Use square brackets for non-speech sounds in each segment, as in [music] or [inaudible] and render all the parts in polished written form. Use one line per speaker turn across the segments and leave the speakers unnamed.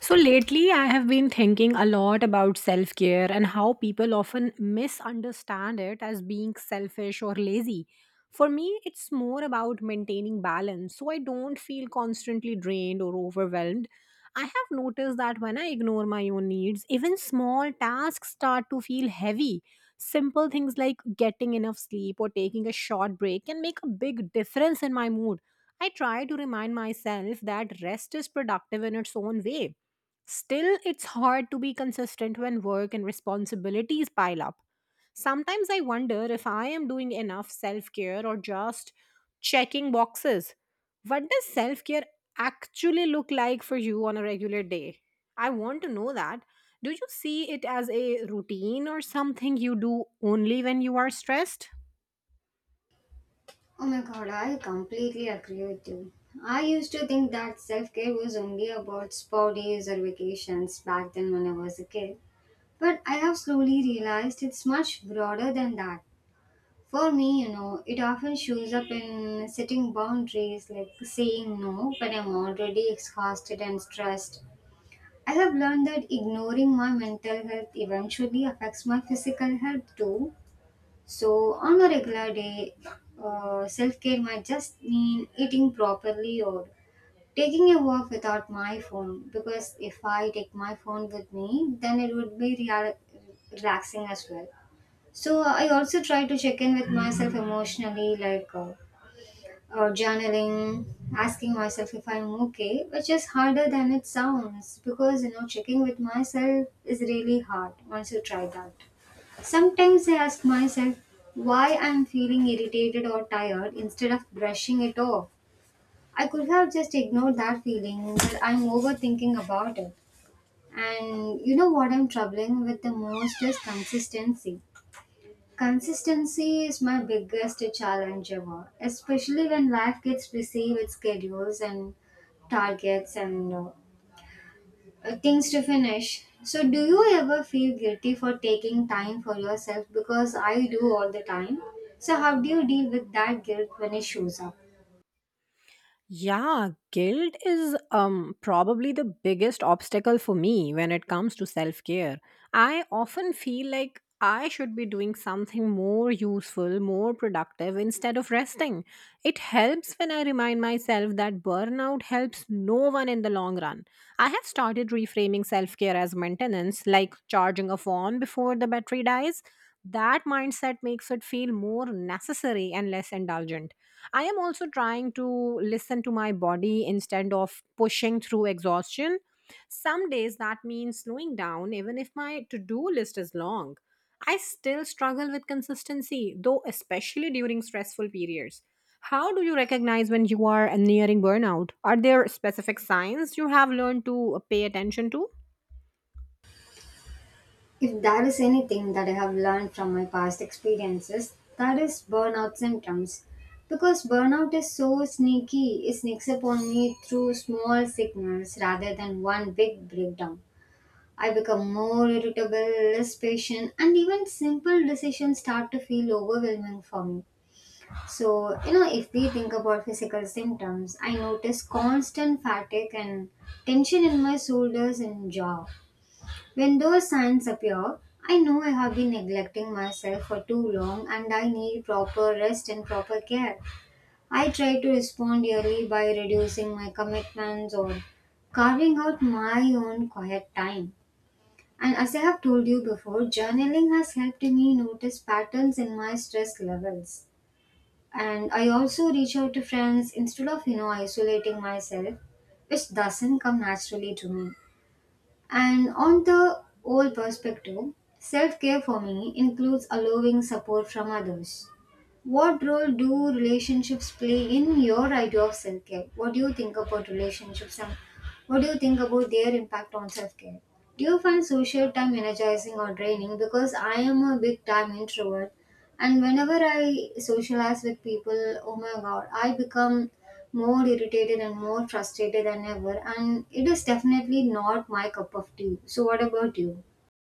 So lately, I have been thinking a lot about self care and how people often misunderstand it as being selfish or lazy. For me, it's more about maintaining balance so I don't feel constantly drained or overwhelmed. I have noticed that when I ignore my own needs, even small tasks start to feel heavy. Simple things like getting enough sleep or taking a short break can make a big difference in my mood. I try to remind myself that rest is productive in its own way. Still, it's hard to be consistent when work and responsibilities pile up. Sometimes I wonder if I am doing enough self care or just checking boxes. What does self care actually look like for you on a regular day? I want to know that. Do you see it as a routine or something you do only when you are stressed?
Oh my god, I completely agree with you. I used to think that self care was only about spa days or vacations back then when I was a kid. But I have slowly realized it's much broader than that. For me, it often shows up in setting boundaries, like saying no when I'm already exhausted and stressed. I have learned that ignoring my mental health eventually affects my physical health too. So, on a regular day, self care might just mean eating properly or taking a walk without my phone. Because if I take my phone with me, then it would be relaxing as well. So, I also try to check in with myself emotionally, like journaling, asking myself if I'm okay, which is harder than it sounds because checking with myself is really hard once you try that. Sometimes I ask myself why I'm feeling irritated or tired instead of brushing it off. I could have just ignored that feeling, but I'm overthinking about it. And you know what I'm troubling with the most is consistency. Consistency is my biggest challenge ever, especially when life gets busy with schedules and targets and things to finish. So, do you ever feel guilty for taking time for yourself? Because I do all the time. So, how do you deal with that guilt when it shows up?
Yeah, guilt is probably the biggest obstacle for me when it comes to self-care. I often feel like I should be doing something more useful, more productive instead of resting. It helps when I remind myself that burnout helps no one in the long run. I have started reframing self care as maintenance, like charging a phone before the battery dies. That mindset makes it feel more necessary and less indulgent. I am also trying to listen to my body instead of pushing through exhaustion. Some days that means slowing down, even if my to do list is long. I still struggle with consistency, though, especially during stressful periods. How do you recognize when you are nearing burnout? Are there specific signs you have learned to pay attention to?
If there is anything that I have learned from my past experiences, that is burnout symptoms. Because burnout is so sneaky, it sneaks up on me through small signals rather than one big breakdown. I become more irritable, less patient, and even simple decisions start to feel overwhelming for me. So, if we think about physical symptoms, I notice constant fatigue and tension in my shoulders and jaw. When those signs appear, I know I have been neglecting myself for too long and I need proper rest and proper care. I try to respond early by reducing my commitments or carving out my own quiet time. And as I have told you before, journaling has helped me notice patterns in my stress levels, and I also reach out to friends instead of isolating myself, which doesn't come naturally to me. And on the whole perspective, self-care for me includes allowing support from others. What role do relationships play in your idea of self care? What do you think about relationships and what do you think about their impact on self care? Do you find social time energizing or draining? Because I am a big time introvert, and whenever I socialize with people, oh my god, I become more irritated and more frustrated than ever, and it is definitely not my cup of tea. So, what about you?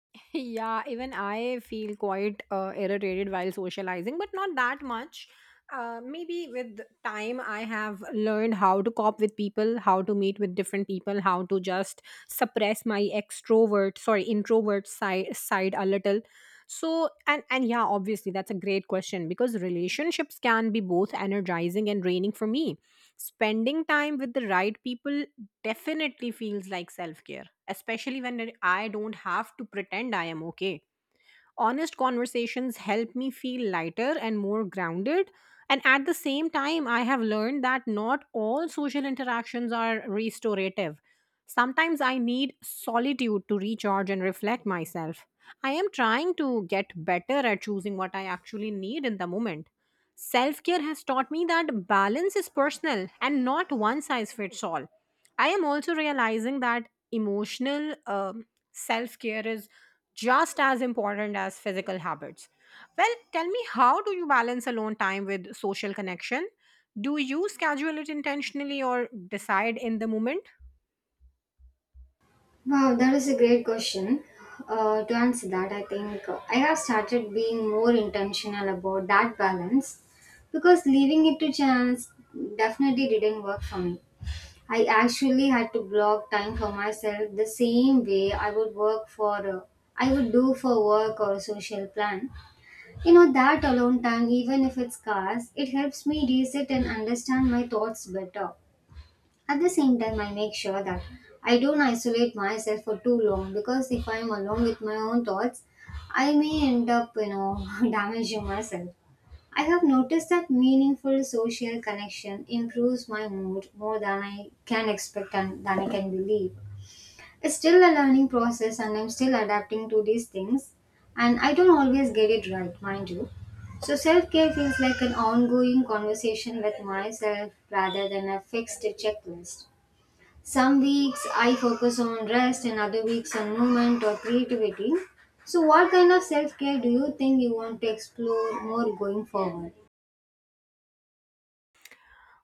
[laughs] Yeah, even I feel quite irritated while socializing, but not that much. Maybe with time, I have learned how to cope with people, how to meet with different people, how to just suppress my extrovert, sorry, introvert side a little. So, and yeah, obviously that's a great question because relationships can be both energizing and draining for me. Spending time with the right people definitely feels like self care, especially when I don't have to pretend I am okay. Honest conversations help me feel lighter and more grounded. And at the same time, I have learned that not all social interactions are restorative. Sometimes I need solitude to recharge and reflect myself. I am trying to get better at choosing what I actually need in the moment. Self care has taught me that balance is personal and not one size fits all. I am also realizing that emotional self care is just as important as physical habits. Well, tell me, how do you balance alone time with social connection? Do you schedule it intentionally or decide in the moment?
Wow, that is a great question. To answer that, I think I have started being more intentional about that balance because leaving it to chance definitely didn't work for me. I actually had to block time for myself the same way I would work for I would do for work or a social plan. You know that alone time, even if it's scarce, it helps me reset and understand my thoughts better. At the same time, I make sure that I don't isolate myself for too long because if I'm alone with my own thoughts, I may end up, you know, [laughs] damaging myself. I have noticed that meaningful social connection improves my mood more than I can expect and than I can believe. It's still a learning process and I'm still adapting to these things, and I don't always get it right, mind you. So self-care feels like an ongoing conversation with myself rather than a fixed checklist. Some weeks I focus on rest and other weeks on movement or creativity. So, what kind of self care do you think you want to explore more going forward?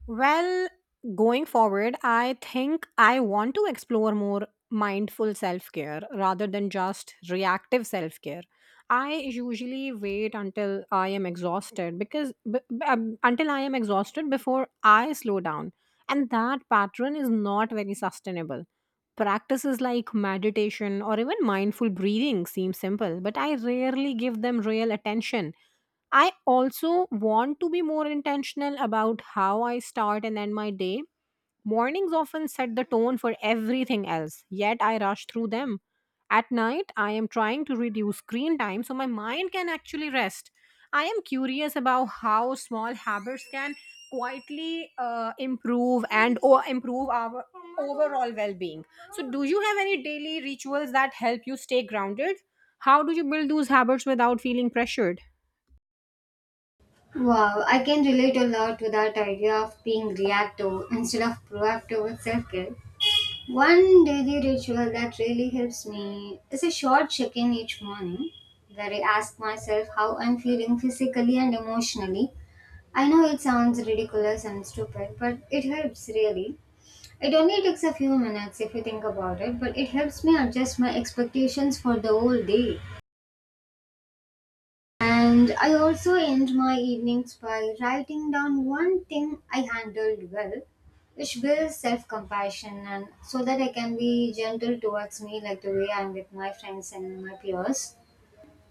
Well, going forward, I think I want to explore more mindful self care rather than just reactive self care. I usually wait until I am exhausted until I am exhausted before I slow down, and that pattern is not very sustainable. Practices like meditation or even mindful breathing seem simple, but I rarely give them real attention. I also want to be more intentional about how I start and end my day. Mornings often set the tone for everything else, yet I rush through them. At night, I am trying to reduce screen time so my mind can actually rest. I am curious about how small habits can quietly improve and or improve our overall well-being. So, do you have any daily rituals that help you stay grounded? How do you build those habits without feeling pressured?
Wow, I can relate a lot to that idea of being reactive instead of proactive with self care. One daily ritual that really helps me is a short check in each morning where I ask myself how I'm feeling physically and emotionally. I know it sounds ridiculous and stupid, but it helps really. It only takes a few minutes if you think about it, but it helps me adjust my expectations for the whole day. And I also end my evenings by writing down one thing I handled well, which builds self compassion and so that I can be gentle towards me, like the way I'm with my friends and my peers.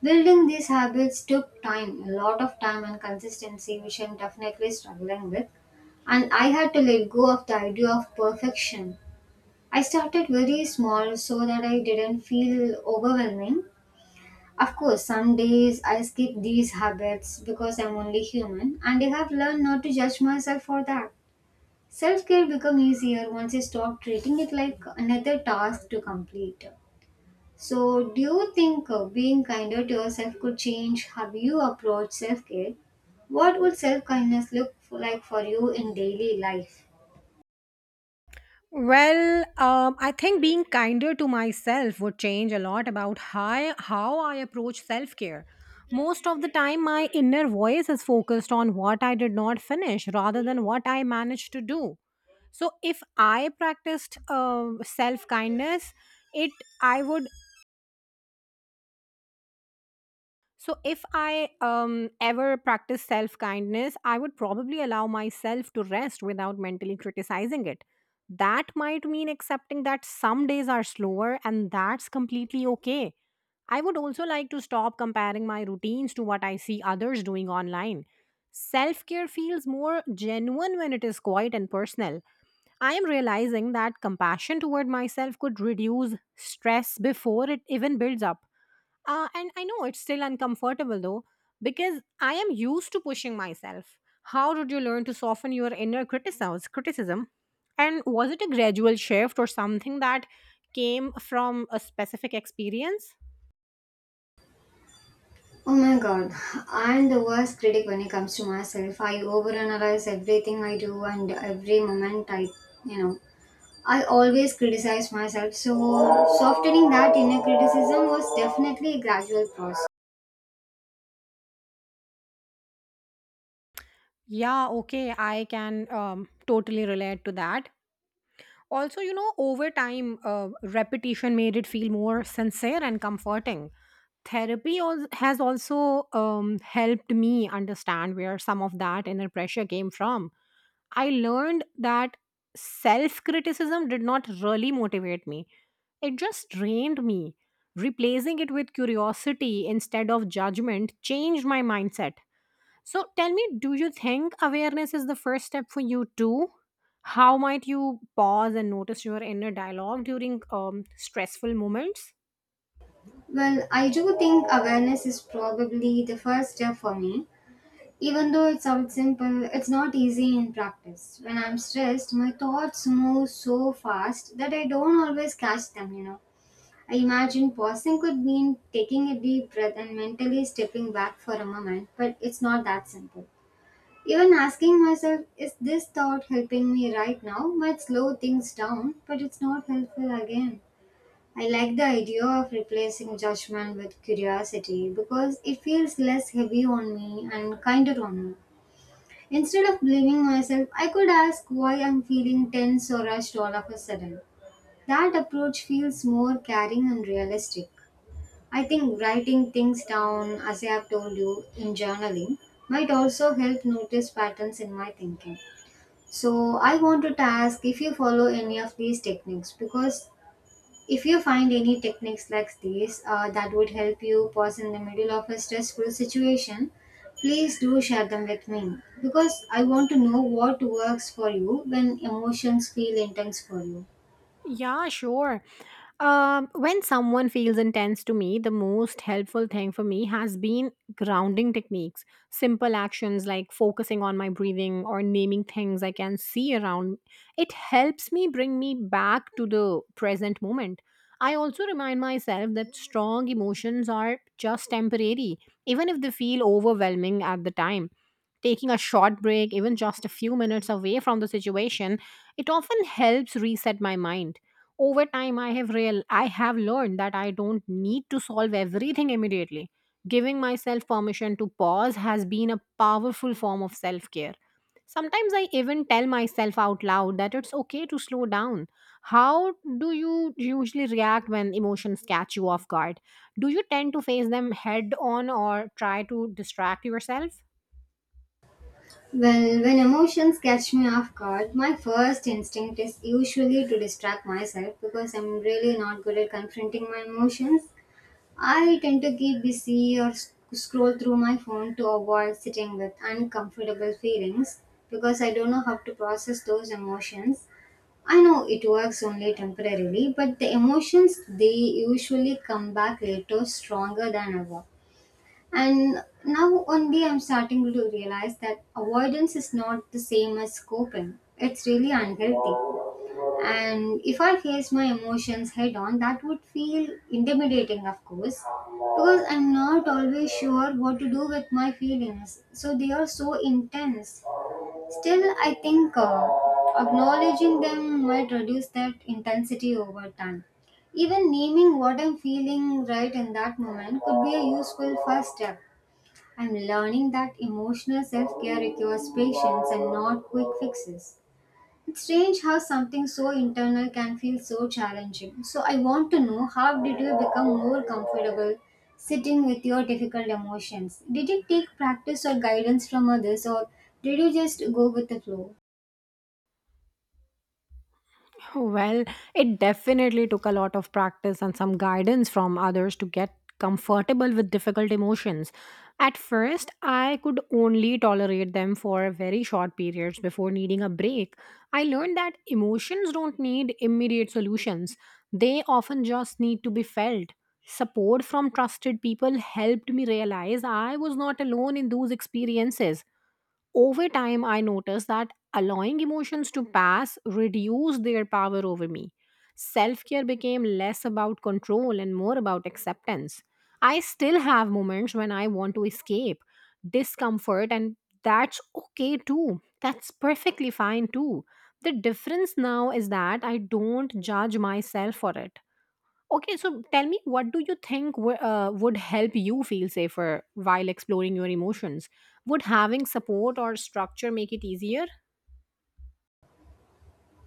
Building these habits took time, a lot of time and consistency, which I'm definitely struggling with. And I had to let go of the idea of perfection. I started very small so that I didn't feel overwhelming. Of course, some days I skip these habits because I'm only human, and I have learned not to judge myself for that. Self care become easier once I stop treating it like another task to complete. So, do you think being kinder to yourself could change how you approach self care? What would self kindness look for, like for you in daily life?
Well, I think being kinder to myself would change a lot about how I approach self care. Most of the time, my inner voice is focused on what I did not finish rather than what I managed to do. So, if I practiced self kindness, it I would So, if I ever practice self kindness, I would probably allow myself to rest without mentally criticizing it. That might mean accepting that some days are slower, and that's completely okay. I would also like to stop comparing my routines to what I see others doing online. Self care feels more genuine when it is quiet and personal. I am realizing that compassion toward myself could reduce stress before it even builds up. And I know it's still uncomfortable though, because I am used to pushing myself. How did you learn to soften your inner criticism? And was it a gradual shift or something that came from a specific experience?
Oh my god, I'm the worst critic when it comes to myself. I overanalyze everything I do and every moment you know, I always criticize myself. So, softening that inner criticism was definitely a gradual process.
Yeah, okay, I can totally relate to that. Also, you know, over time, repetition made it feel more sincere and comforting. Has also helped me understand where some of that inner pressure came from. I learned that self criticism did not really motivate me, it just drained me. Replacing it with curiosity instead of judgment changed my mindset. So tell me, do you think awareness is the first step for you too? How might you pause and notice your inner dialogue during stressful moments?
Well, I do think awareness is probably the first step for me. Even though it sounds simple, it's not easy in practice. When I'm stressed, my thoughts move so fast that I don't always catch them. I imagine pausing could mean taking a deep breath and mentally stepping back for a moment, but it's not that simple. Even asking myself, is this thought helping me right now, might slow things down, but it's not helpful again. I like the idea of replacing judgment with curiosity because it feels less heavy on me and kinder on me. Instead of blaming myself, I could ask why I'm feeling tense or rushed all of a sudden. That approach feels more caring and realistic. I think writing things down, as I have told you in journaling, might also help notice patterns in my thinking. So, I wanted to ask if you follow any of these techniques because if you find any techniques like these that would help you pause in the middle of a stressful situation, please do share them with me because I want to know what works for you when emotions feel intense for you.
Yeah, sure. When someone feels intense to me, the most helpful thing for me has been grounding techniques, simple actions like focusing on my breathing or naming things I can see around. It helps me bring me back to the present moment. I also remind myself that strong emotions are just temporary, even if they feel overwhelming at the time. Taking a short break, even just a few minutes away from the situation, it often helps reset my mind. Over time, I have learned that I don't need to solve everything immediately. Giving myself permission to pause has been a powerful form of self care. Sometimes I even tell myself out loud that it's okay to slow down. How do you usually react when emotions catch you off guard? Do you tend to face them head on or try to distract yourself?
Well, when emotions catch me off guard, my first instinct is usually to distract myself because I'm really not good at confronting my emotions. I tend to keep busy or scroll through my phone to avoid sitting with uncomfortable feelings because I don't know how to process those emotions. I know it works only temporarily, but the emotions they usually come back later stronger than ever. And now only I'm starting to realize that avoidance is not the same as coping. It's really unhealthy, and if I face my emotions head on that would feel intimidating of course, because I'm not always sure what to do with my feelings, so they are so intense. Still, I think acknowledging them might reduce that intensity over time. Even naming what I'm feeling right in that moment could be a useful first step. I'm learning that emotional self-care requires patience and not quick fixes. It's strange how something so internal can feel so challenging. So, I want to know how did you become more comfortable sitting with your difficult emotions? Did it take practice or guidance from others, or did you just go with the flow?
Well, it definitely took a lot of practice and some guidance from others to get comfortable with difficult emotions. At first, I could only tolerate them for very short periods before needing a break. I learned that emotions don't need immediate solutions, they often just need to be felt. Support from trusted people helped me realize I was not alone in those experiences. Over time, I noticed that allowing emotions to pass reduced their power over me. Self care became less about control and more about acceptance. I still have moments when I want to escape discomfort, and that's okay too. That's perfectly fine too. The difference now is that I don't judge myself for it. Okay, so tell me, what do you think would help you feel safer while exploring your emotions? Would having support or structure make it easier?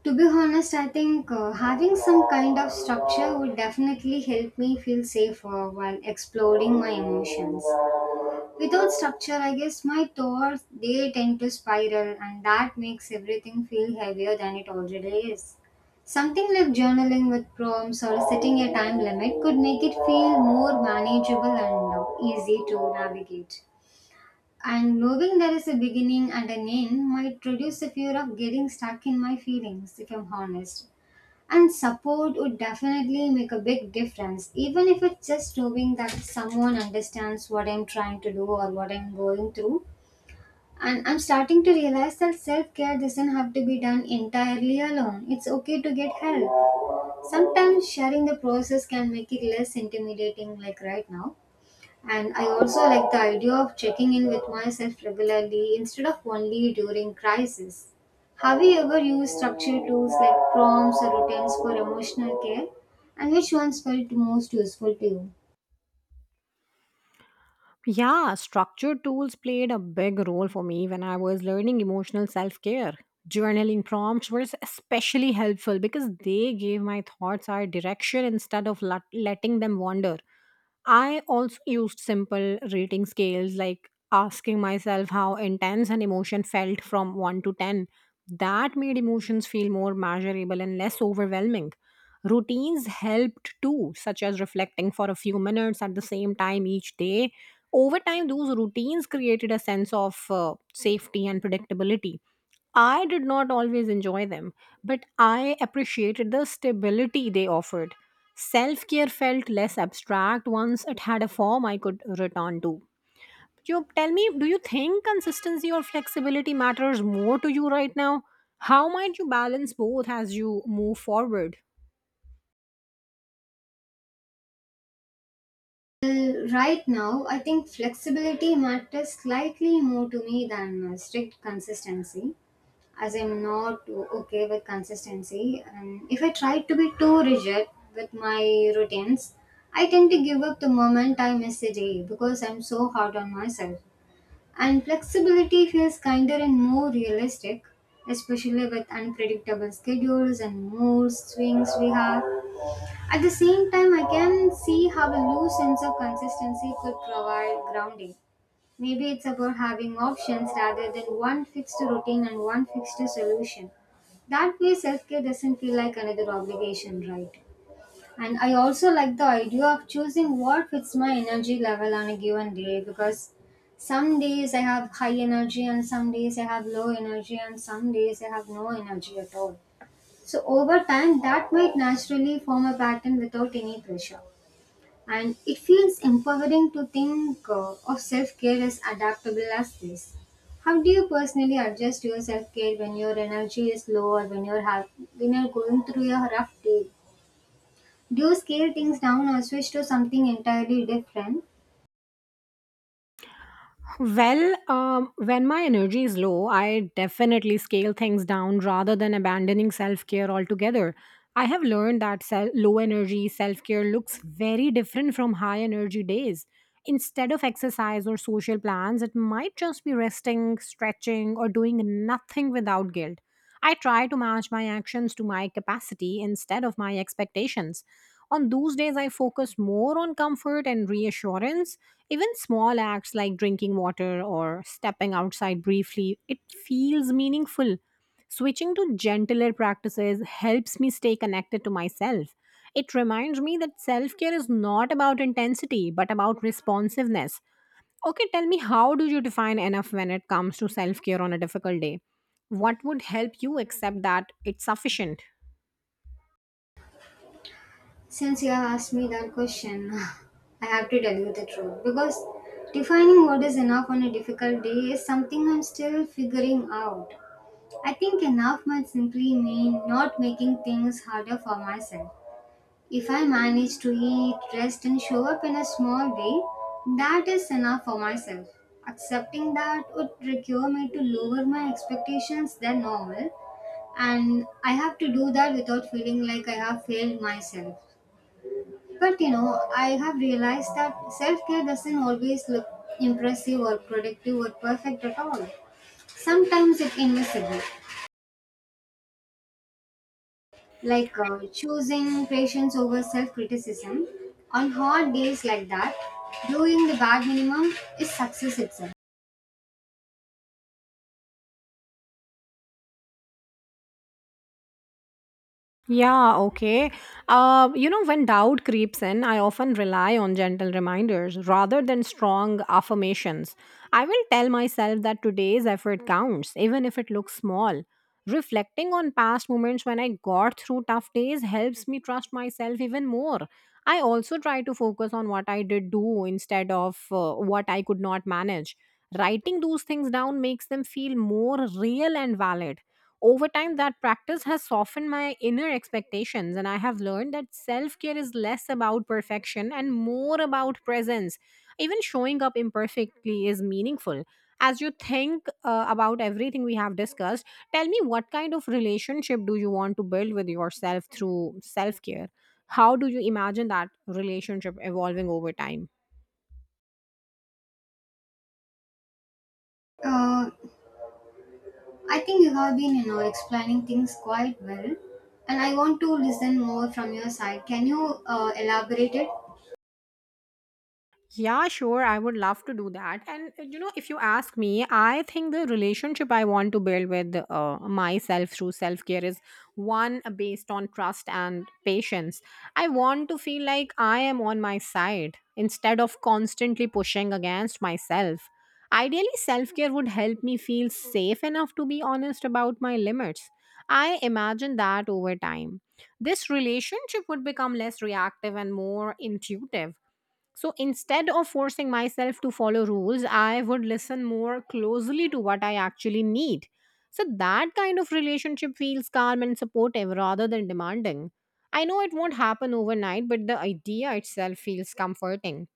To be honest, I think having some kind of structure would definitely help me feel safer while exploring my emotions. Without structure, I guess my thoughts they tend to spiral, and that makes everything feel heavier than it already is. Something like journaling with prompts or setting a time limit could make it feel more manageable and easy to navigate. And knowing there is a beginning and an end might reduce the fear of getting stuck in my feelings, if I'm honest. And support would definitely make a big difference, even if it's just knowing that someone understands what I'm trying to do or what I'm going through. And I'm starting to realize that self care doesn't have to be done entirely alone. It's okay to get help. Sometimes sharing the process can make it less intimidating, like right now. And I also like the idea of checking in with myself regularly instead of only during crisis. Have you ever used structured tools like prompts or routines for emotional care? And which ones felt most useful to you?
Yeah, structured tools played a big role for me when I was learning emotional self care. Journaling prompts were especially helpful because they gave my thoughts our direction instead of letting them wander. I also used simple rating scales like asking myself how intense an emotion felt from 1 to 10. That made emotions feel more measurable and less overwhelming. Routines helped too, such as reflecting for a few minutes at the same time each day. Over time, those routines created a sense of safety and predictability. I did not always enjoy them, but I appreciated the stability they offered. Self care felt less abstract once it had a form I could return to. You tell me, do you think consistency or flexibility matters more to you right now? How might you balance both as you move forward?
Well, right now, I think flexibility matters slightly more to me than strict consistency. As I'm not okay with consistency. And if I try to be too rigid with my routines, I tend to give up the moment I miss a day because I'm so hard on myself. And flexibility feels kinder and more realistic, especially with unpredictable schedules and mood swings we have. At the same time, I can see how a loose sense of consistency could provide grounding. Maybe it's about having options rather than one fixed routine and one fixed solution. That way, self care doesn't feel like another obligation, right? And I also like the idea of choosing what fits my energy level on a given day, because some days I have high energy, and some days I have low energy, and some days I have no energy at all. So, over time, that might naturally form a pattern without any pressure. And it feels empowering to think of self care as adaptable as this. How do you personally adjust your self care when your energy is low, or when when you're going through a rough day? Do you scale things down or switch to something entirely different?
Well, when my energy is low, I definitely scale things down rather than abandoning self care altogether. I have learned that low energy self care looks very different from high energy days. Instead of exercise or social plans, it might just be resting, stretching, or doing nothing without guilt. I try to match my actions to my capacity instead of my expectations. On those days, I focus more on comfort and reassurance. Even small acts like drinking water or stepping outside briefly, it feels meaningful. Switching to gentler practices helps me stay connected to myself. It reminds me that self care is not about intensity, but about responsiveness. Okay, tell me, how do you define enough when it comes to self care on a difficult day? What would help you accept that it's sufficient?
Since you have asked me that question, [laughs] I have to tell you the truth, because defining what is enough on a difficult day is something I'm still figuring out. I think enough might simply mean not making things harder for myself. If I manage to eat, rest, and show up in a small way, that is enough for myself. Accepting that would require me to lower my expectations than normal, and I have to do that without feeling like I have failed myself. But you know, I have realized that self care doesn't always look impressive or productive or perfect at all. Sometimes it's invisible. Like choosing patience over self criticism on hard days like that, doing the bare minimum is success itself.
Yeah, okay. When doubt creeps in, I often rely on gentle reminders rather than strong affirmations. I will tell myself that today's effort counts, even if it looks small. Reflecting on past moments when I got through tough days helps me trust myself even more. I also try to focus on what I did do instead of what I could not manage. Writing those things down makes them feel more real and valid. Over time, that practice has softened my inner expectations, and I have learned that self care is less about perfection and more about presence. Even showing up imperfectly is meaningful as you think about everything we have discussed, tell me, what kind of relationship do you want to build with yourself through self care? How do you imagine that relationship evolving over time?
uh, I think you have been, you know, explaining things quite well, and I want to listen more from your side. Can you elaborate it?
Yeah, sure. I would love to do that. And if you ask me, I think the relationship I want to build with myself through self care is one based on trust and patience. I want to feel like I am on my side instead of constantly pushing against myself. Ideally, self care would help me feel safe enough to be honest about my limits. I imagine that over time, this relationship would become less reactive and more intuitive, so instead of forcing myself to follow rules, I would listen more closely to what I actually need. So that kind of relationship feels calm and supportive rather than demanding. I know it won't happen overnight, but the idea itself feels comforting.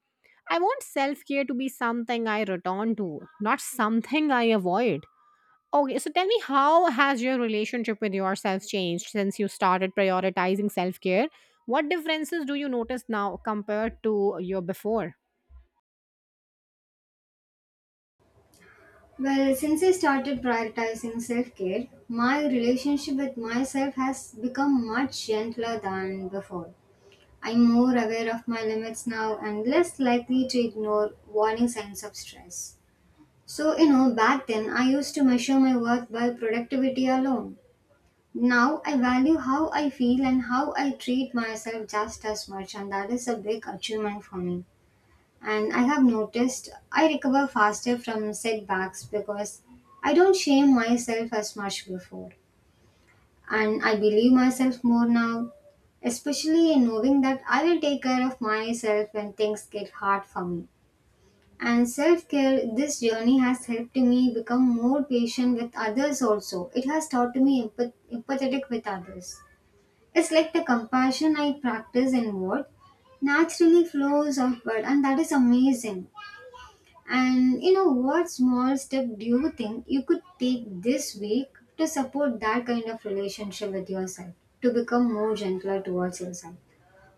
I want self care to be something I return to, not something I avoid. Okay, so tell me, how has your relationship with yourself changed since you started prioritizing self care? What differences do you notice now compared to your before?
Well, since I started prioritizing self-care, my relationship with myself has become much gentler than before. I'm more aware of my limits now and less likely to ignore warning signs of stress. So, you know, back then I used to measure my worth by productivity alone. Now I value how I feel and how I treat myself just as much, and that is a big achievement for me. And I have noticed I recover faster from setbacks because I don't shame myself as much before, and I believe myself more now, especially in knowing that I will take care of myself when things get hard for me. And self care, this journey has helped me become more patient with others also. It has taught me empathetic with others. It's like the compassion I practice inward naturally flows outward, and that is amazing. And you know, what small step do you think you could take this week to support that kind of relationship with yourself, to become more gentler towards yourself?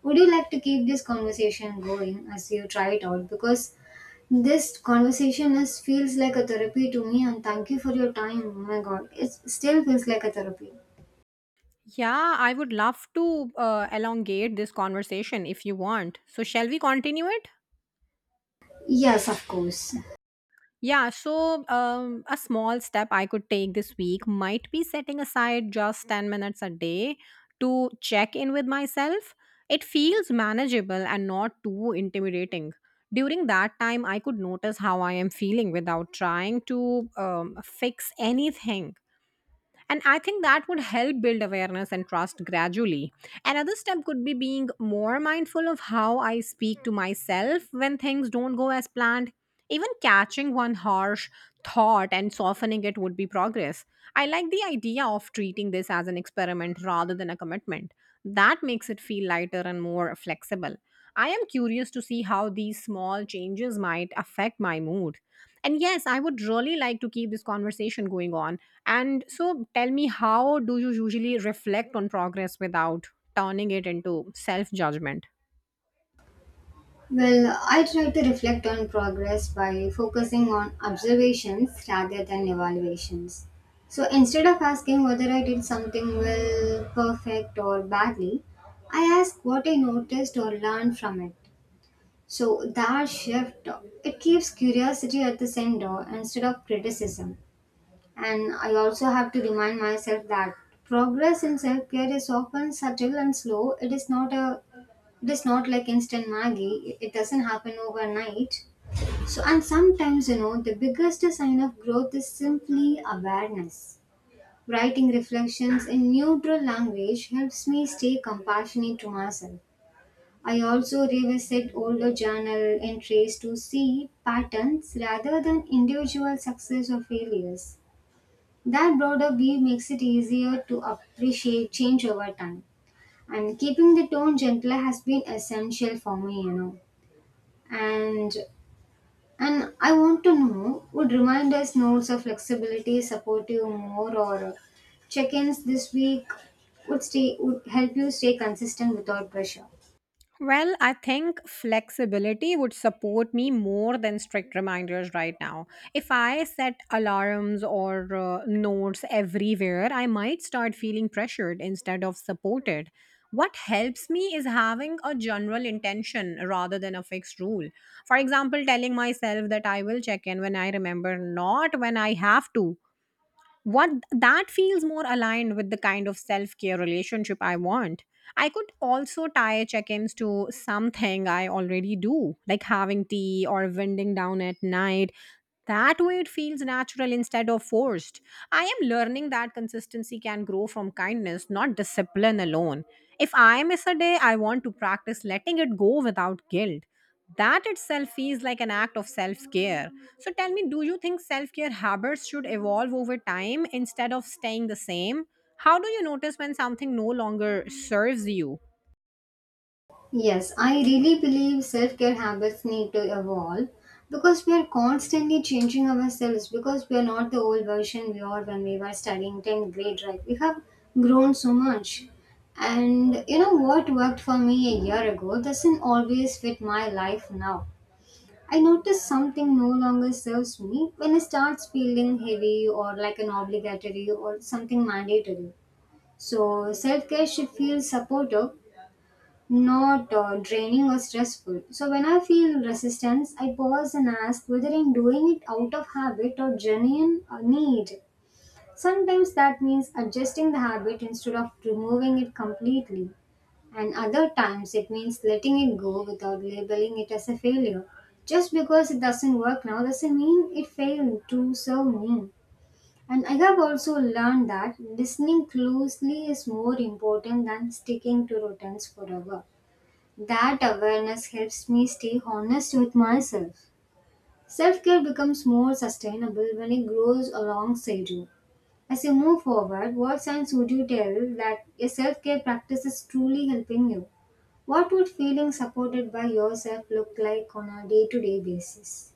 Would you like to keep this conversation going as you try it out? Because this conversation is feels like a therapy to me, and thank you for your time. Oh my god, it still feels like a therapy.
Yeah, I would love to elongate this conversation if you want. So, shall we continue it?
Yes, of course.
Yeah, so a small step I could take this week might be setting aside just 10 minutes a day to check in with myself. It feels manageable and not too intimidating. During that time, I could notice how I am feeling without trying to fix anything. And I think that would help build awareness and trust gradually. Another step could be being more mindful of how I speak to myself when things don't go as planned. Even catching one harsh thought and softening it would be progress. I like the idea of treating this as an experiment rather than a commitment. That makes it feel lighter and more flexible. I am curious to see how these small changes might affect my mood. And yes, I would really like to keep this conversation going on. And so tell me, how do you usually reflect on progress without turning it into self judgment?
Well, I try to reflect on progress by focusing on observations rather than evaluations. So instead of asking whether I did something well, perfect, or badly, I ask what I noticed or learned from it. So that shift, it keeps curiosity at the center instead of criticism. And I also have to remind myself that progress in self care is often subtle and slow. It is not like instant Maggie, it doesn't happen overnight. So, and sometimes, you know, the biggest sign of growth is simply awareness. Writing reflections in neutral language helps me stay compassionate to myself. I also revisit older journal entries to see patterns rather than individual success or failures. That broader view makes it easier to appreciate change over time. And keeping the tone gentler has been essential for me, you know. and and I want to know, would reminders notes of flexibility support you more, or check-ins this week would help you stay consistent without pressure?
Well, I think flexibility would support me more than strict reminders right now. If I set alarms or notes everywhere, I might start feeling pressured instead of supported. What helps me is having a general intention rather than a fixed rule. For example, telling myself that I will check in when I remember, not when I have to. What that feels more aligned with the kind of self-care relationship I want. I could also tie check-ins to something I already do, like having tea or winding down at night. That way it feels natural instead of forced. I am learning that consistency can grow from kindness, not discipline alone. If I miss a day, I want to practice letting it go without guilt. That itself feels like an act of self care. So tell me, do you think self care habits should evolve over time instead of staying the same? How do you notice when something no longer serves you?
Yes, I really believe self-care habits need to evolve, because we are constantly changing ourselves, because we are not the old version we are when we were studying 10th grade, right? We have grown so much. And you know, what worked for me a year ago doesn't always fit my life now. I notice something no longer serves me when it starts feeling heavy or like an obligatory or something mandatory. So, self care should feel supportive, not draining or stressful. So, when I feel resistance, I pause and ask whether I'm doing it out of habit or genuine need. Sometimes that means adjusting the habit instead of removing it completely. And other times it means letting it go without labeling it as a failure. Just because it doesn't work now doesn't mean it failed to serve me. And I have also learned that listening closely is more important than sticking to routines forever. That awareness helps me stay honest with myself. Self care becomes more sustainable when it grows alongside you. As you move forward, what signs would you tell that your self care practice is truly helping you? What would feeling supported by yourself look like on a day to day basis?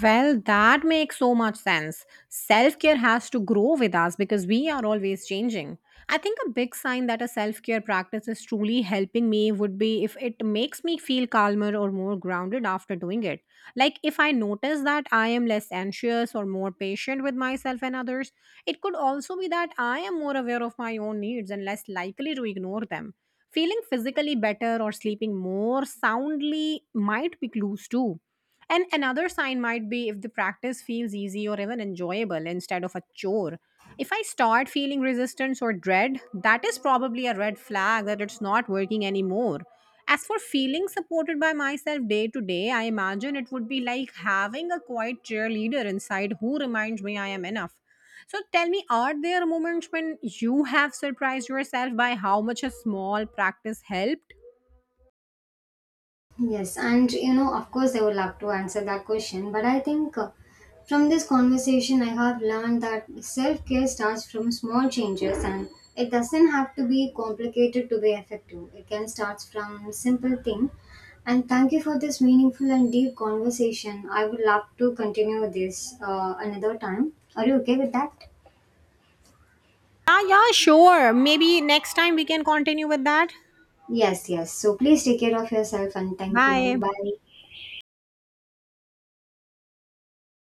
Well, that makes so much sense. Self care has to grow with us because we are always changing. I think a big sign that a self care practice is truly helping me would be if it makes me feel calmer or more grounded after doing it. Like, if I notice that I am less anxious or more patient with myself and others, it could also be that I am more aware of my own needs and less likely to ignore them. Feeling physically better or sleeping more soundly might be clues too, and another sign might be if the practice feels easy or even enjoyable instead of a chore. If I start feeling resistance or dread, that is probably a red flag that it's not working anymore. As for feeling supported by myself day to day, I imagine it would be like having a quiet cheerleader inside who reminds me I am enough. So tell me, are there moments when you have surprised yourself by how much a small practice helped?
Yes, and you know, of course, I would love to answer that question, but I think from this conversation, I have learned that self care starts from small changes, and it doesn't have to be complicated to be effective. It can start from simple thing. And thank you for this meaningful and deep conversation. I would love to continue this another time. Are you okay with that?
Yeah, yeah, sure. Maybe next time we can continue with that.
Yes, yes. So please take care of yourself and thank you.
Bye.
Bye.